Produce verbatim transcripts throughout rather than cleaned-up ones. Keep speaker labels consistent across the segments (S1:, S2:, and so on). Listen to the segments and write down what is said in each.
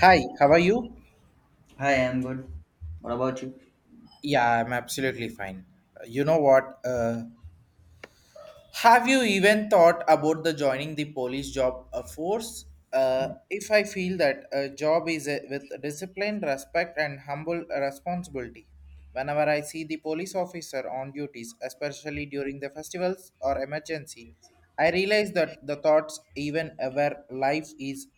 S1: Hi, how are you?
S2: Hi, I'm good. What about you?
S1: Yeah, I'm absolutely fine. You know what? Uh, have you even thought about the joining the police job uh, force? Uh, if I feel that a job is a, with discipline, respect, and humble responsibility. Whenever I see the police officer on duties, especially during the festivals or emergency, I realize that the thoughts even where life is.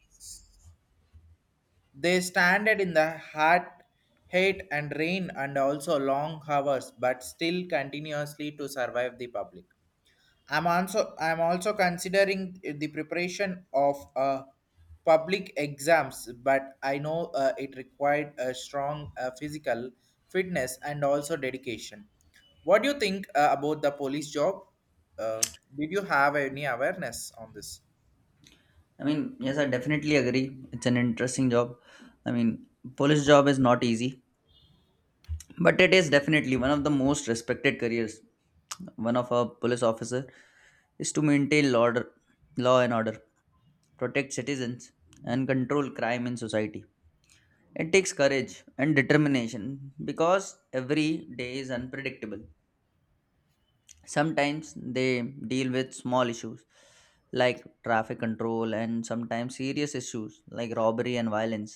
S1: They standed in the hot, hate and rain and also long hours, but still continuously to survive the public. I'm also I'm also considering the preparation of uh, public exams, but I know uh, it required a strong uh, physical fitness and also dedication. What do you think uh, about the police job? Uh, did you have any awareness on this?
S2: I mean, Yes, I definitely agree. It's an interesting job. I mean, police job is not easy, but it is definitely one of the most respected careers. One of a police officer is to maintain law order, law and order, protect citizens, and control crime in society. It takes courage and determination because every day is unpredictable. Sometimes they deal with small issues like traffic control, and sometimes serious issues like robbery and violence.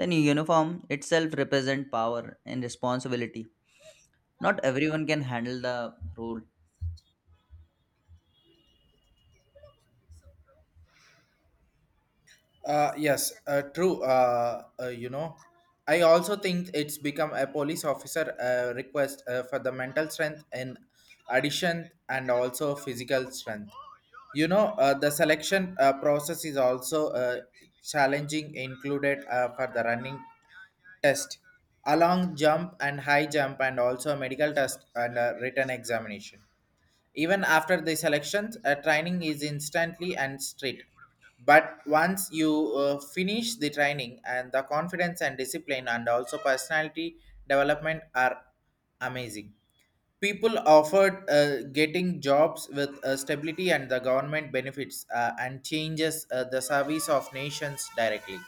S2: The new uniform itself represent power and responsibility. Not everyone can handle the role.
S1: Uh, yes, uh, true. Uh, uh, you know, I also think it's become a police officer uh, request uh, for the mental strength in addition and also physical strength. You know, uh, the selection uh, process is also uh, challenging, included uh, for the running test, along jump and high jump, and also medical test and uh, written examination even after the selections, uh, training is instantly and straight. But once you uh, finish the training, and the confidence and discipline, and also personality development are amazing. People offered uh, getting jobs with uh, stability and the government benefits uh, and changes uh, the service of nations directly.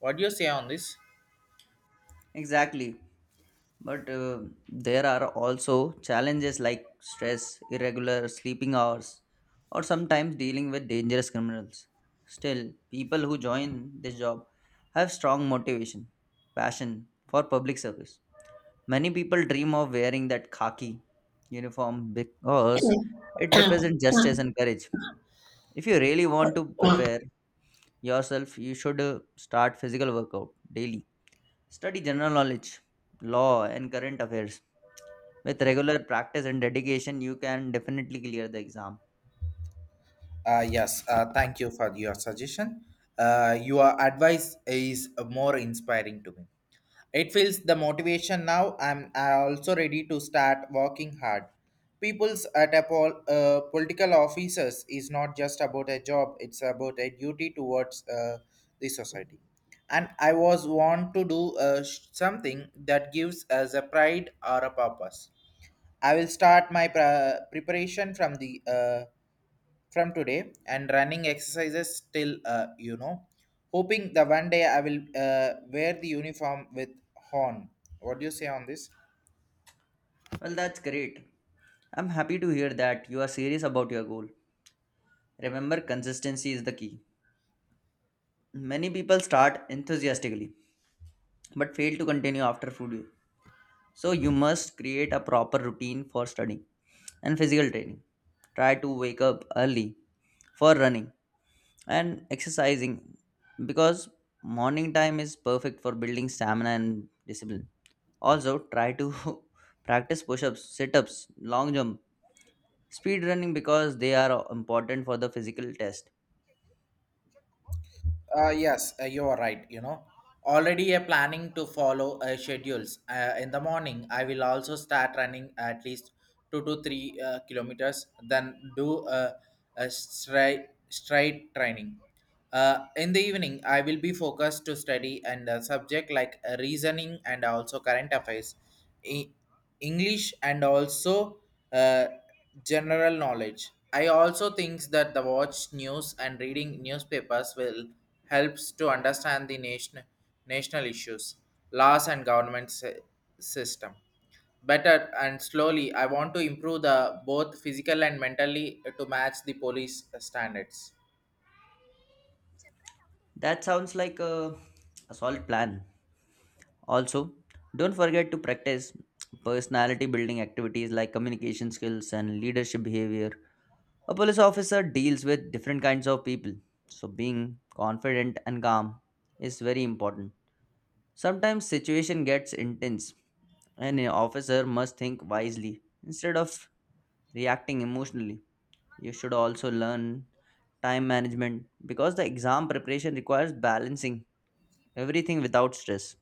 S1: What do you say on this?
S2: Exactly. But uh, there are also challenges like stress, irregular sleeping hours, or sometimes dealing with dangerous criminals. Still, people who join this job have strong motivation, passion for public service. Many people dream of wearing that khaki uniform because it represents justice and courage. If you really want to prepare yourself, you should uh, start physical workout daily. Study general knowledge, law, and current affairs. With regular practice and dedication, you can definitely clear the exam.
S1: Uh, yes, uh, thank you for your suggestion. Uh, your advice is more inspiring to me. It feels the motivation now. I'm uh, also ready to start working hard. People's at a pol- uh, Political officers is not just about a job; it's about a duty towards uh, the society. And I was want to do uh, sh- something that gives us a pride or a purpose. I will start my pre- preparation from the uh, from today and running exercises till uh, you know hoping the one day I will uh, wear the uniform with horn. What do you say on this?
S2: Well, that's great. I'm happy to hear that you are serious about your goal. Remember, consistency is the key. Many people start enthusiastically but fail to continue after full day. So, you must create a proper routine for studying and physical training. Try to wake up early for running and exercising, because morning time is perfect for building stamina and discipline. Also, try to practice push-ups, sit-ups, long jump, speed running because they are important for the physical test.
S1: Uh, yes, uh, you are right. You know, already uh, planning to follow uh, schedules. Uh, in the morning, I will also start running at least two to three uh, kilometers, then do uh, a straight straight training. Uh, in the evening, I will be focused to study and uh, subject like uh, reasoning and also current affairs. English and also uh, general knowledge. I also think that the watch news and reading newspapers will helps to understand the nation, national issues, laws and government sy- system better and slowly. I want to improve the both physical and mentally to match the police standards.
S2: That sounds like a, a solid plan. Also, don't forget to practice personality building activities like communication skills and leadership behavior. A police officer deals with different kinds of people, so being confident and calm is very important. Sometimes situation gets intense, and an officer must think wisely instead of reacting emotionally. You should also learn time management because the exam preparation requires balancing everything without stress.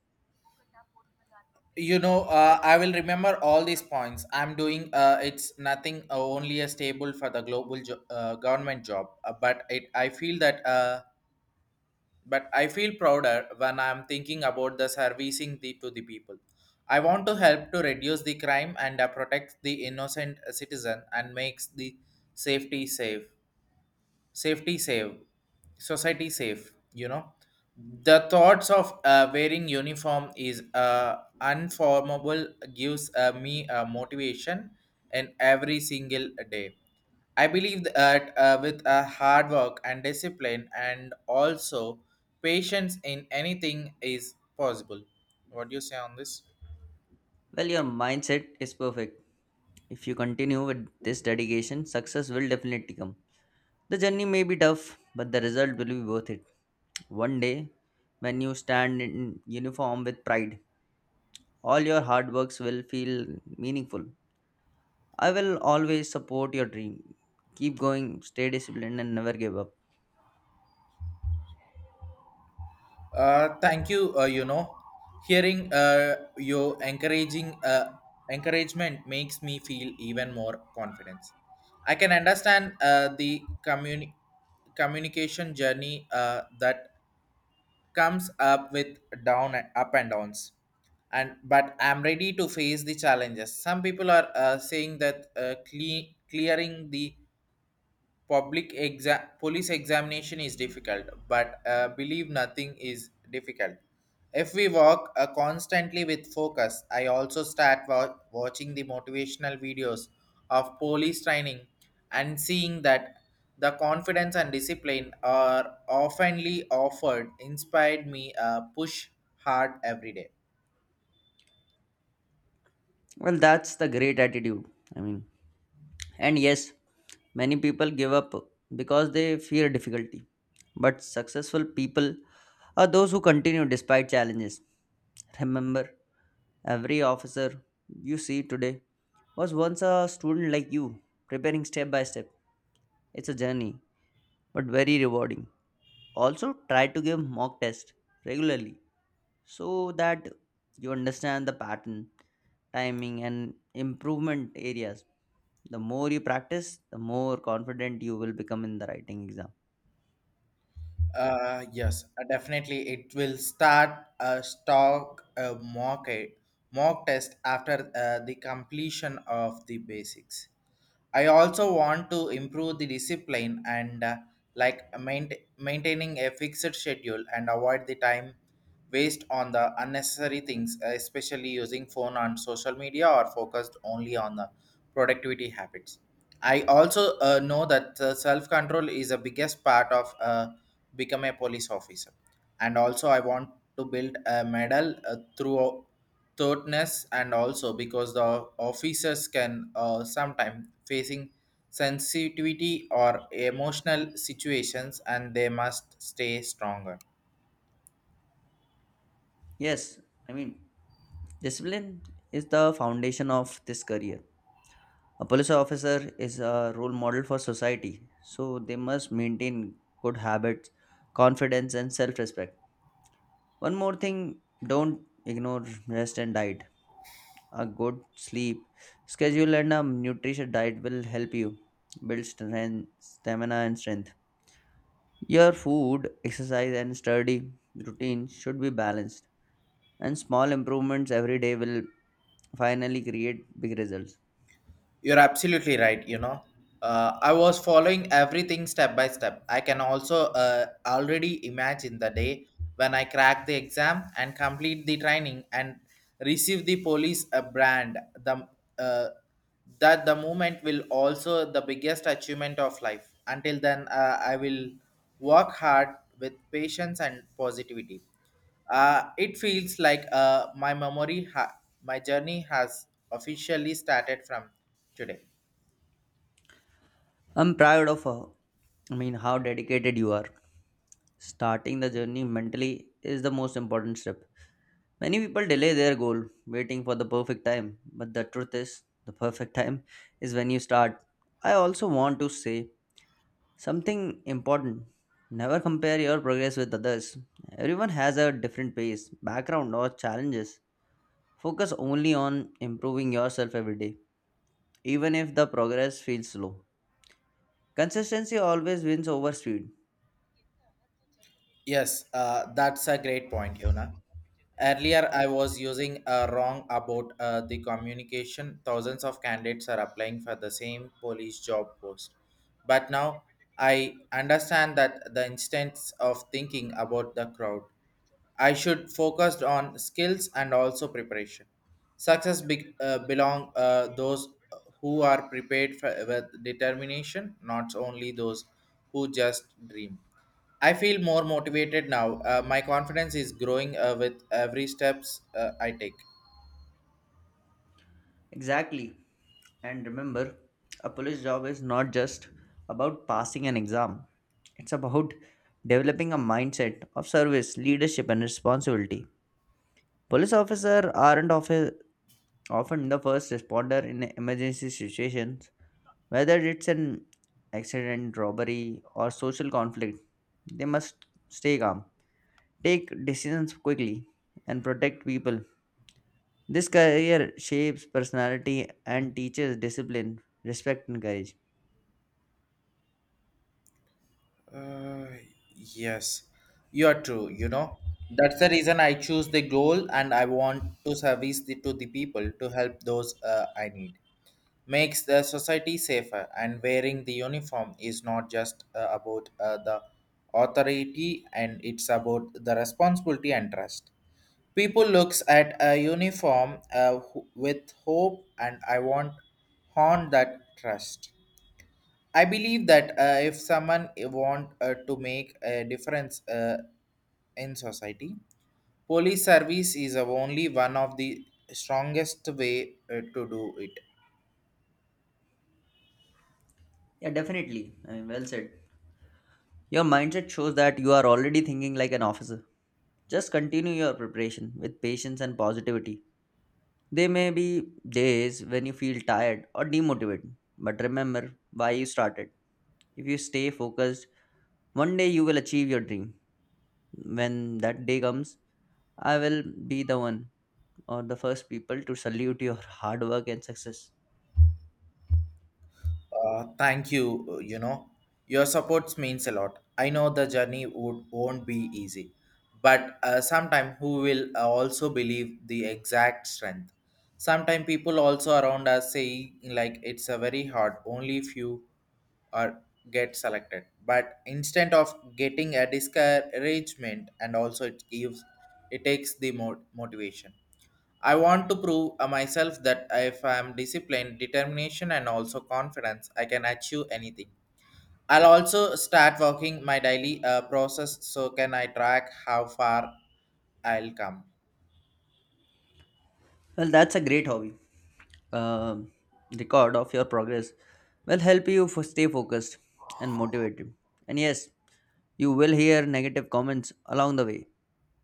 S1: You know uh, I will remember all these points. I'm doing uh, it's nothing uh, only a stable for the global jo- uh, government job. Uh, but it i feel that uh, but I feel prouder when I'm thinking about the servicing the, to the people. I want to help to reduce the crime and uh, protect the innocent citizen and makes the safety safe safety save society safe, you know. The thoughts of uh, wearing uniform is uh, unformable, gives uh, me uh, motivation in every single day. I believe that uh, with a hard work and discipline and also patience in anything is possible. What do you say on this?
S2: Well, your mindset is perfect. If you continue with this dedication, success will definitely come. The journey may be tough, but the result will be worth it. One day, when you stand in uniform with pride, all your hard works will feel meaningful. I will always support your dream. Keep going, stay disciplined, and never give up.
S1: Uh, thank you. Uh, you know, hearing uh, your encouraging uh, encouragement makes me feel even more confidence. I can understand uh, the communi- communication journey uh, that comes up with down and up and downs. And but I'm ready to face the challenges. Some people are uh, saying that uh, cle- clearing the public exam police examination is difficult, but uh, believe nothing is difficult if we work uh, constantly with focus. I also start wa- watching the motivational videos of police training and seeing that the confidence and discipline are oftenly offered inspired me uh, push hard every day.
S2: Well, that's the great attitude. I mean, and yes, many people give up because they fear difficulty. But successful people are those who continue despite challenges. Remember, every officer you see today was once a student like you, preparing step by step. It's a journey, but very rewarding. Also, try to give mock tests regularly so that you understand the pattern, timing, and improvement areas. The more you practice, the more confident you will become in the writing exam.
S1: Uh, yes, uh, definitely. It will start a stock uh, mock, mock test after uh, the completion of the basics. I also want to improve the discipline and uh, like maint- maintaining a fixed schedule and avoid the time waste on the unnecessary things, uh, especially using phone on social media or focused only on the productivity habits. I also uh, know that uh, self-control is the biggest part of uh, become a police officer, and also I want to build a medal uh, through thoughtness and also because the officers can uh, sometimes facing sensitivity or emotional situations and they must stay stronger.
S2: Yes, I mean, discipline is the foundation of this career. A police officer is a role model for society, so they must maintain good habits, confidence, and self respect. One more thing, don't ignore rest and diet. A good sleep schedule and a nutritious diet will help you build strength, stamina and strength. Your food, exercise, and study routine should be balanced, and small improvements every day will finally create big results.
S1: You're absolutely right, you know. uh, I was following everything step by step. I can also uh, already imagine the day when I crack the exam and complete the training and receive the police uh, brand, the uh, that the moment will also the biggest achievement of life. Until then, uh, I will work hard with patience and positivity. Uh, it feels like uh, my memory ha- my journey has officially started from today.
S2: I'm proud of, uh, I mean, How dedicated you are. Starting the journey mentally is the most important step. Many people delay their goal, waiting for the perfect time. But the truth is, the perfect time is when you start. I also want to say something important. Never compare your progress with others. Everyone has a different pace, background, or challenges. Focus only on improving yourself every day, even if the progress feels slow. Consistency always wins over speed.
S1: Yes, uh, that's a great point, Yona. Earlier, I was using uh, wrong about uh, the communication. Thousands of candidates are applying for the same police job post. But now I understand that the instance of thinking about the crowd. I should focus on skills and also preparation. Success be- uh, belong uh, those who are prepared for, with determination, not only those who just dream. I feel more motivated now. Uh, my confidence is growing uh, with every steps uh, I take.
S2: Exactly. And remember, a police job is not just about passing an exam, it's about developing a mindset of service, leadership, and responsibility. Police officers aren't often, Often the first responder in emergency situations, whether it's an accident, robbery, or social conflict. They must stay calm, take decisions quickly, and protect people. This career shapes personality and teaches discipline, respect, and courage.
S1: Uh, yes, you are true. You know that's the reason I choose the goal, and I want to service the, to the people to help those uh, I need. Makes the society safer, and wearing the uniform is not just uh, about uh, the authority, and it's about the responsibility and trust. People looks at a uniform uh, ho- with hope, and I want haunt that trust. I believe that uh, if someone want uh, to make a difference uh, in society, police service is uh, only one of the strongest way uh, to do it.
S2: Yeah, definitely. I mean, well said. Your mindset shows that you are already thinking like an officer. Just continue your preparation with patience and positivity. There may be days when you feel tired or demotivated, but remember why you started. If you stay focused, one day you will achieve your dream. When that day comes, I will be the one or the first people to salute your hard work and success.
S1: Uh, thank you. uh, You know, your support means a lot. I know the journey would, won't be easy, but uh, sometime who will uh, also believe the exact strength. Sometimes people also around us say like it's a very hard. Only few are get selected. But instead of getting a discouragement, and also it gives, it takes the mo- motivation. I want to prove uh, myself that if I am disciplined, determination, and also confidence, I can achieve anything. I'll also start working my daily uh, process so can I track how far I'll come.
S2: Well, that's a great hobby. Um Record of your progress will help you for stay focused and motivated. And yes, you will hear negative comments along the way.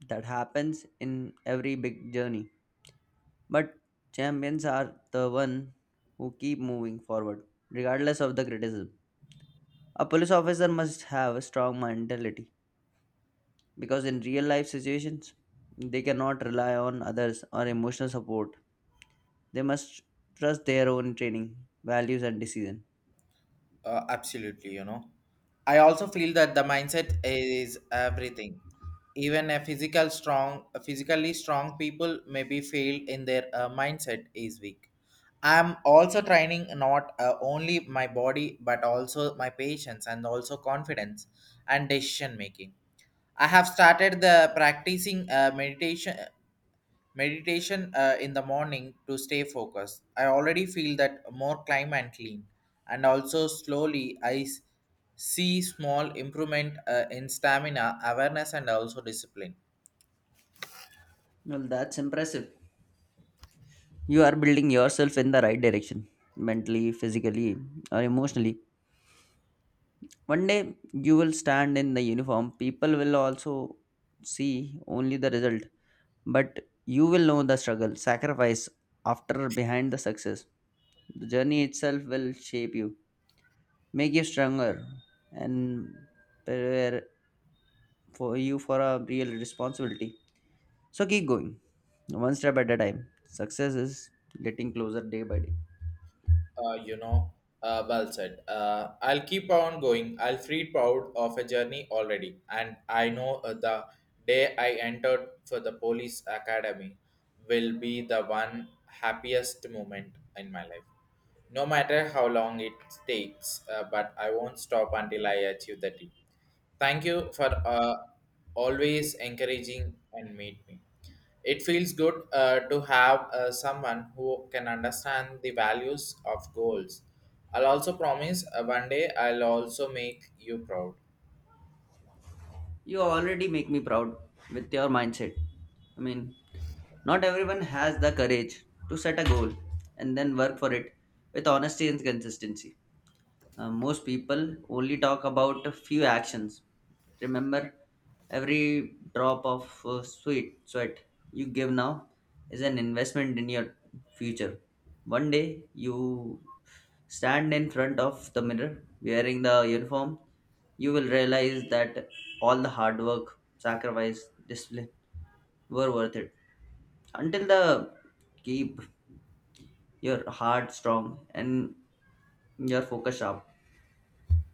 S2: That happens in every big journey. But champions are the one who keep moving forward, regardless of the criticism. A police officer must have a strong mentality because in real life situations, they cannot rely on others or emotional support. They must trust their own training, values, and decision.
S1: Uh, absolutely, you know. I also feel that the mindset is everything. Even a physical strong, physically strong people may be failed in their uh, mindset is weak. I'm also training not uh, only my body but also my patience and also confidence and decision making. I have started the practicing uh, meditation meditation uh, in the morning to stay focused. I already feel that more climb and clean, and also slowly I s- see small improvement uh, in stamina, awareness, and also discipline.
S2: Well, that's impressive. You are building yourself in the right direction, mentally, physically, or emotionally. One day you will stand in the uniform. People will also see only the result, but you will know the struggle, sacrifice after behind the success. The journey itself will shape you, make you stronger, and prepare for you for a real responsibility. So keep going, one step at a time. Success is getting closer day by day.
S1: Uh, you know, uh, well said. Uh, I'll keep on going. I'll feel proud of a journey already, and I know uh, the day I entered for the police academy will be the one happiest moment in my life. No matter how long it takes, uh, but I won't stop until I achieve the dream. Thank you for uh, always encouraging and meet me. It feels good uh, to have uh, someone who can understand the values of goals. I'll also promise uh, one day I'll also make you proud.
S2: You already make me proud with your mindset. I mean, Not everyone has the courage to set a goal and then work for it with honesty and consistency. Uh, most people only talk about a few actions. Remember, every drop of uh, sweat sweat you give now is an investment in your future. One day you stand in front of the mirror wearing the uniform, you will realize that all the hard work, sacrifice, discipline were worth it. Until the keep your heart strong and your focus sharp.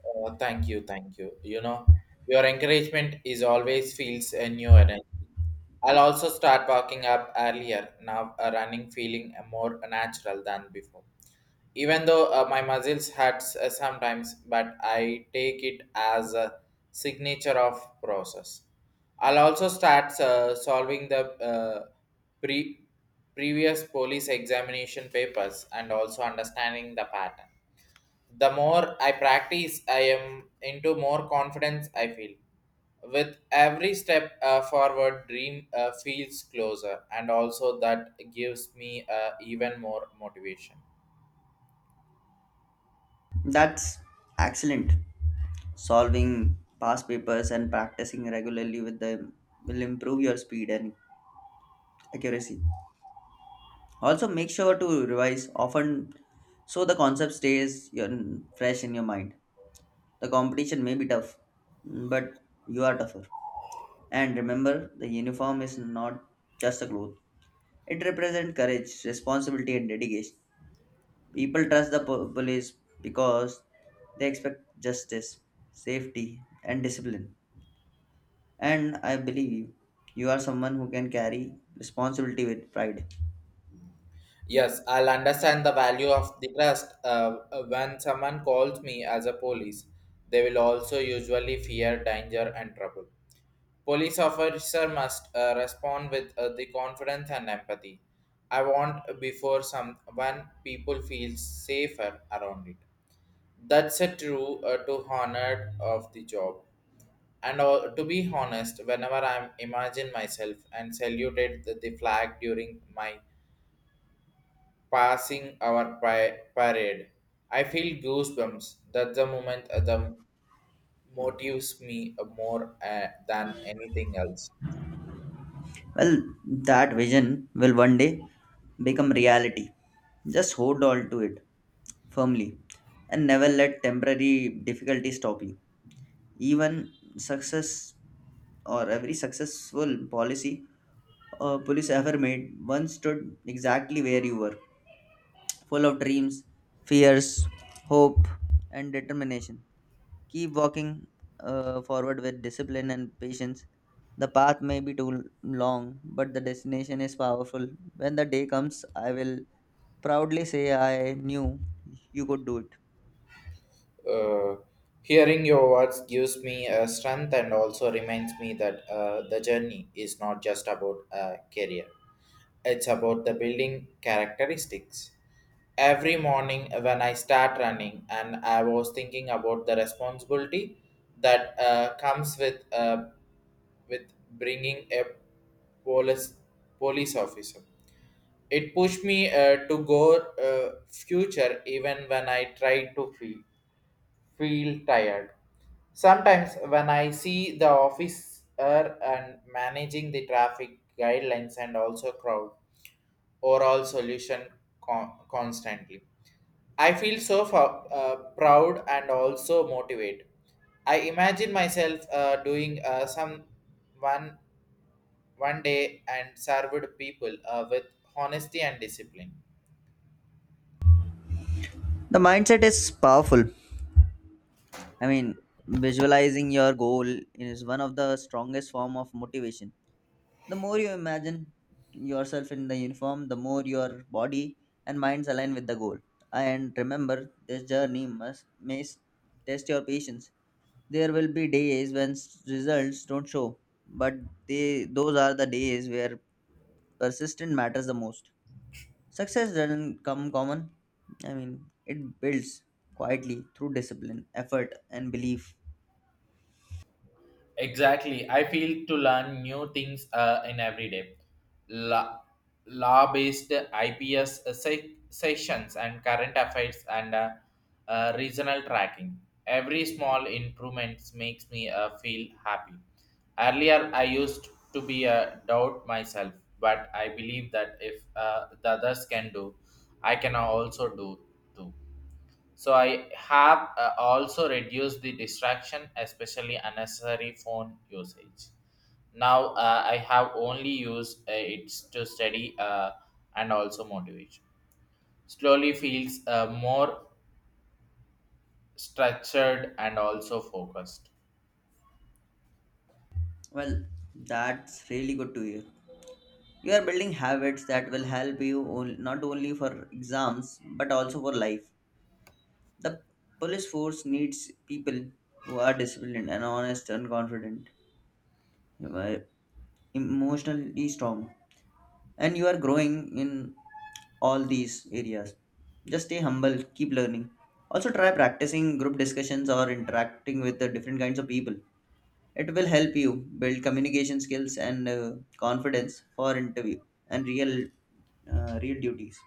S1: Oh, thank you, thank you. You know, your encouragement is always feels a new energy. I'll also start walking up earlier now, uh, running feeling uh, more natural than before. Even though uh, my muscles hurt uh, sometimes, but I take it as a signature of process. I'll also start uh, solving the uh, pre- previous police examination papers and also understanding the pattern. The more I practice, I am into more confidence I feel. With every step uh, forward, dream uh, feels closer and also that gives me uh, even more motivation.
S2: That's excellent. Solving past papers and practicing regularly with them will improve your speed and accuracy. Also, make sure to revise often so the concept stays your, fresh in your mind. The competition may be tough, but you are tougher. And remember, the uniform is not just a cloth, it represents courage, responsibility, and dedication. People trust the po- police because they expect justice, safety, and discipline. And I believe you are someone who can carry responsibility with pride.
S1: Yes, I'll understand the value of the trust. Uh, uh, when someone calls me as a police, they will also usually fear danger and trouble. Police officer must uh, respond with uh, the confidence and empathy. I want before some when people feel safer around it. That's a true uh, to honor of the job. And uh, to be honest, whenever I imagine myself and saluted the the flag during my passing our pi- parade. I feel goosebumps. That's the moment uh, the motives me uh, more uh, than anything else.
S2: Well, that vision will one day become reality. Just hold on to it firmly and never let temporary difficulties stop you. Even success or every successful policy or police ever made once stood exactly where you were. Full of dreams, fears, hope, and determination. Keep walking uh, forward with discipline and patience. The path may be too l- long, but the destination is powerful. When the day comes, I will proudly say I knew you could do it.
S1: Uh, Hearing your words gives me a strength and also reminds me that uh, the journey is not just about a career. It's about the building characteristics. Every morning when I start running, and I was thinking about the responsibility that uh, comes with uh, with bringing a police police officer. It pushed me uh, to go uh, future even when I tried to feel feel tired. Sometimes when I see the officer and managing the traffic guidelines and also crowd overall solution con- constantly. I feel so fa- uh, proud and also motivated. I imagine myself uh, doing uh, some one one day and served people uh, with honesty and discipline.
S2: The mindset is powerful. I mean, Visualizing your goal is one of the strongest form of motivation. The more you imagine yourself in the uniform, the more your body and minds align with the goal. And remember, this journey must may s- test your patience. There will be days when s- results don't show, but they those are the days where persistence matters the most. Success doesn't come common. I mean, it builds quietly through discipline, effort, and belief.
S1: Exactly. I feel to learn new things uh, in every day. La- law-based I P S se- sessions and current affairs and uh, uh, regional tracking. Every small improvements makes me uh, feel happy. Earlier, I used to be a doubt myself, but I believe that if uh, the others can do, I can also do too. So I have uh, also reduced the distraction, especially unnecessary phone usage. Now uh, I have only used uh, it to study, uh, and also motivation slowly feels uh, more structured and also focused.
S2: Well, that's really good to hear. You are building habits that will help you on- not only for exams but also for life. The police force needs people who are disciplined and honest and confident, who are emotionally strong. And you are growing in all these areas. Just stay humble, keep learning. Also, try practicing group discussions or interacting with the different kinds of people. It will help you build communication skills and uh, confidence for interview and real, uh, real duties.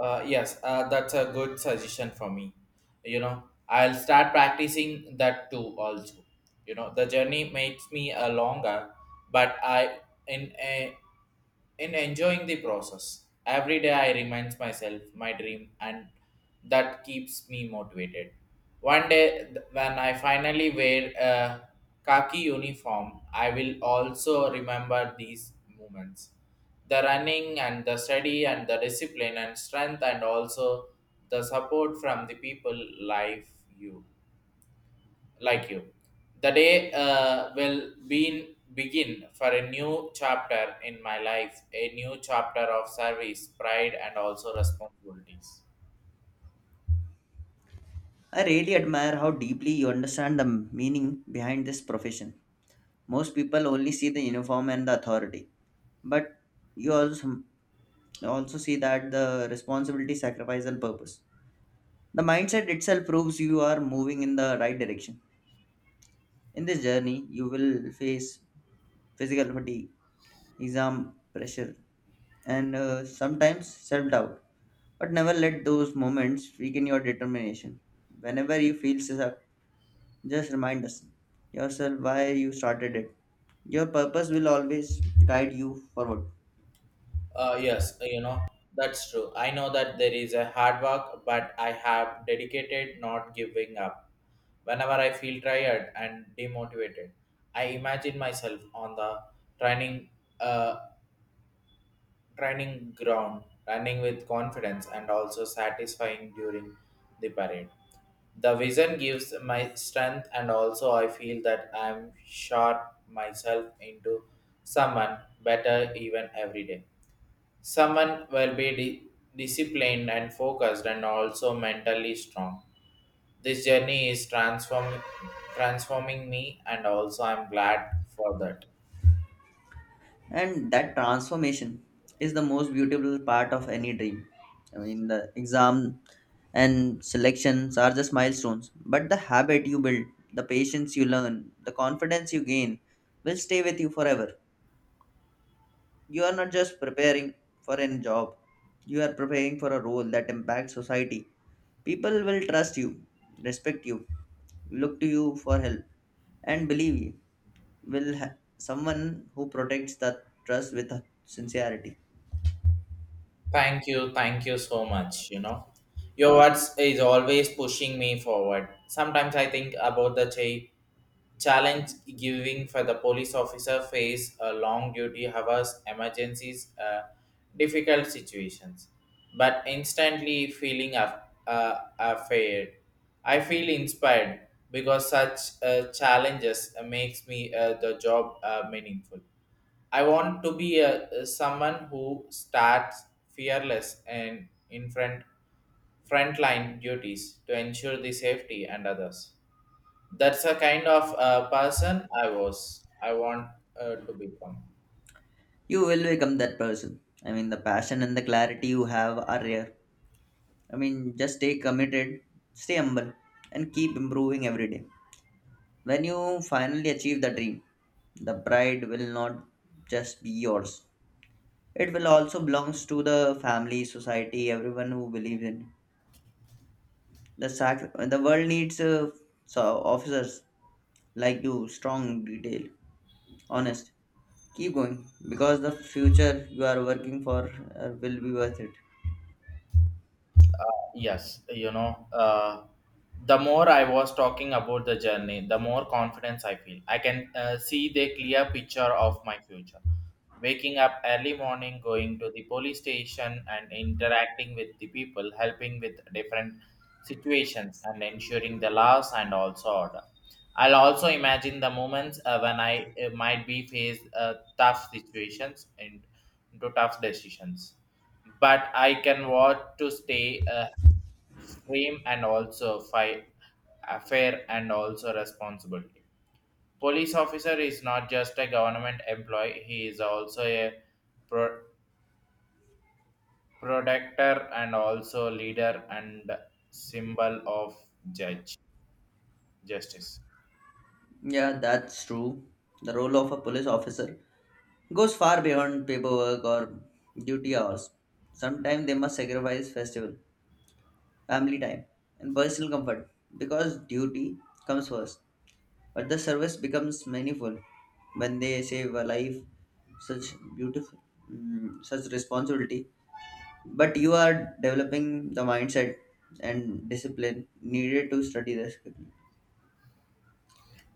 S1: uh, yes, uh, that's a good suggestion for me. You know, I'll start practicing that too also. You know, the journey makes me uh, longer, but i in uh, in enjoying the process. Every day I remind myself my dream and that keeps me motivated. One day th- when I finally wear a khaki uniform, I will also remember these moments. The running and the study and the discipline and strength and also the support from the people, life you like you. The day uh, will be begin for a new chapter in my life, a new chapter of service, pride, and also responsibilities.
S2: I really admire how deeply you understand the meaning behind this profession. Most people only see the uniform and the authority, but you also, also see that the responsibility, sacrifice, and purpose. The mindset itself proves you are moving in the right direction. In this journey, you will face physical fatigue, exam pressure, and uh, sometimes self doubt. But never let those moments weaken your determination. Whenever you feel sus- Just remind us yourself why you started it. Your purpose will always guide you forward.
S1: Uh, yes, you know, that's true. I know that there is a hard work, but I have dedicated, not giving up. Whenever I feel tired and demotivated, I imagine myself on the training uh, training ground, running with confidence and also satisfying during the parade. The vision gives my strength, and also I feel that I'm sharp myself into someone better even every day. Someone will be di- disciplined and focused, and also mentally strong. This journey is transform- transforming me, and also I'm glad for that.
S2: And that transformation is the most beautiful part of any dream. I mean, the exam and selections are just milestones, but the habit you build, the patience you learn, the confidence you gain will stay with you forever. You are not just preparing for a job, you are preparing for a role that impacts society. People will trust you, respect you, look to you for help, and believe you will ha- someone who protects that trust with sincerity.
S1: Thank you, thank you so much. You know, your words is always pushing me forward. Sometimes I think about the cha- challenge giving for the police officer face a long duty hours, emergencies, uh, difficult situations, but instantly feeling af- uh, afraid. I feel inspired because such uh, challenges uh, makes me uh, the job uh, meaningful. I want to be a, someone who starts fearless and in front frontline duties to ensure the safety and others. That's the kind of uh, person I was. I want uh, to become.
S2: You will become that person. I mean, the passion and the clarity you have are rare. I mean, just stay committed, stay humble, and keep improving every day. When you finally achieve the dream, the pride will not just be yours. It will also belongs to the family, society, everyone who believes in the sac. The world needs uh, so officers like you, strong, detail, honest. Keep going because the future you are working for uh, will be worth it.
S1: Yes, you know, uh, the more I was talking about the journey, the more confidence I feel. I can uh, see the clear picture of my future. Waking up early morning, going to the police station, and interacting with the people, helping with different situations, and ensuring the laws and also order. I'll also imagine the moments uh, when I uh, might be faced uh, tough situations and into tough decisions, but I can want to stay uh, frame and also fi- uh, fair and also responsibility. Police officer is not just a government employee; he is also a pro- protector and also leader and symbol of judge justice.
S2: Yeah, that's true. The role of a police officer goes far beyond paperwork or duty hours. Sometimes they must sacrifice festival, family time, and personal comfort because duty comes first. But the service becomes meaningful when they save a life, such beautiful, mm, such responsibility. But you are developing the mindset and discipline needed to study the skill.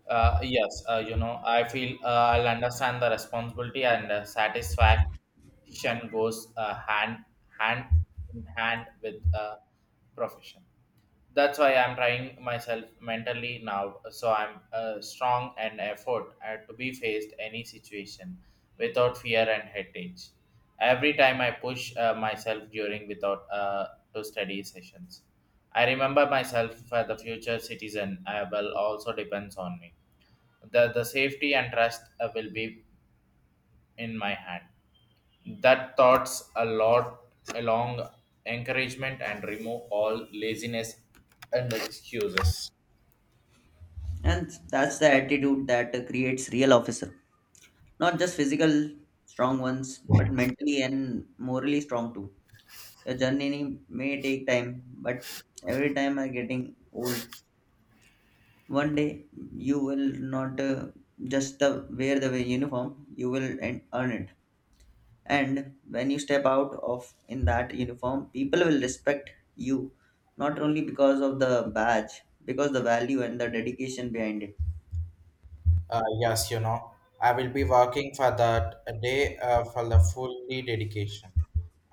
S1: Uh, yes, uh, you know, I feel uh, I'll understand the responsibility and uh, satisfaction goes uh, hand hand in hand with uh, profession. That's why I'm trying myself mentally now, so I'm uh, strong and effort uh, to be faced any situation without fear and headache. Every time I push uh, myself during without uh, to study sessions, I remember myself for the future citizen. I will also depends on me. The, the safety and trust uh, will be in my hand. That thoughts a lot along encouragement and remove all laziness and excuses.
S2: And that's the attitude that creates real officer. Not just physical strong ones, but mentally and morally strong too. Your journey may take time, but every time I'm getting old, one day you will not uh, just the, wear the uniform. You will en- earn it. And when you step out of in that uniform, people will respect you not only because of the badge, because the value and the dedication behind it.
S1: Uh, yes, you know, I will be working for that a day uh, for the fully dedication.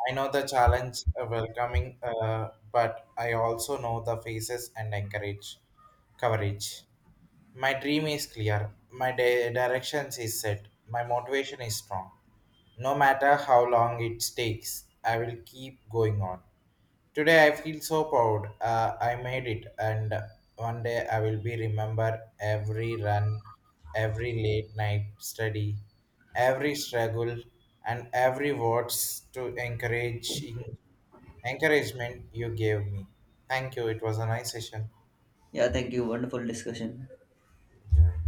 S1: I know the challenge uh, welcoming, uh, but I also know the faces and encourage coverage. My dream is clear. My di- direction is set. My motivation is strong. No matter how long it takes, I will keep going on. Today I feel so proud. Uh, I made it, and one day I will be remember every run, every late night study, every struggle, and every words to encourage encouragement you gave me. Thank you. It was a nice session.
S2: Yeah, thank you. Wonderful discussion.
S1: Yeah.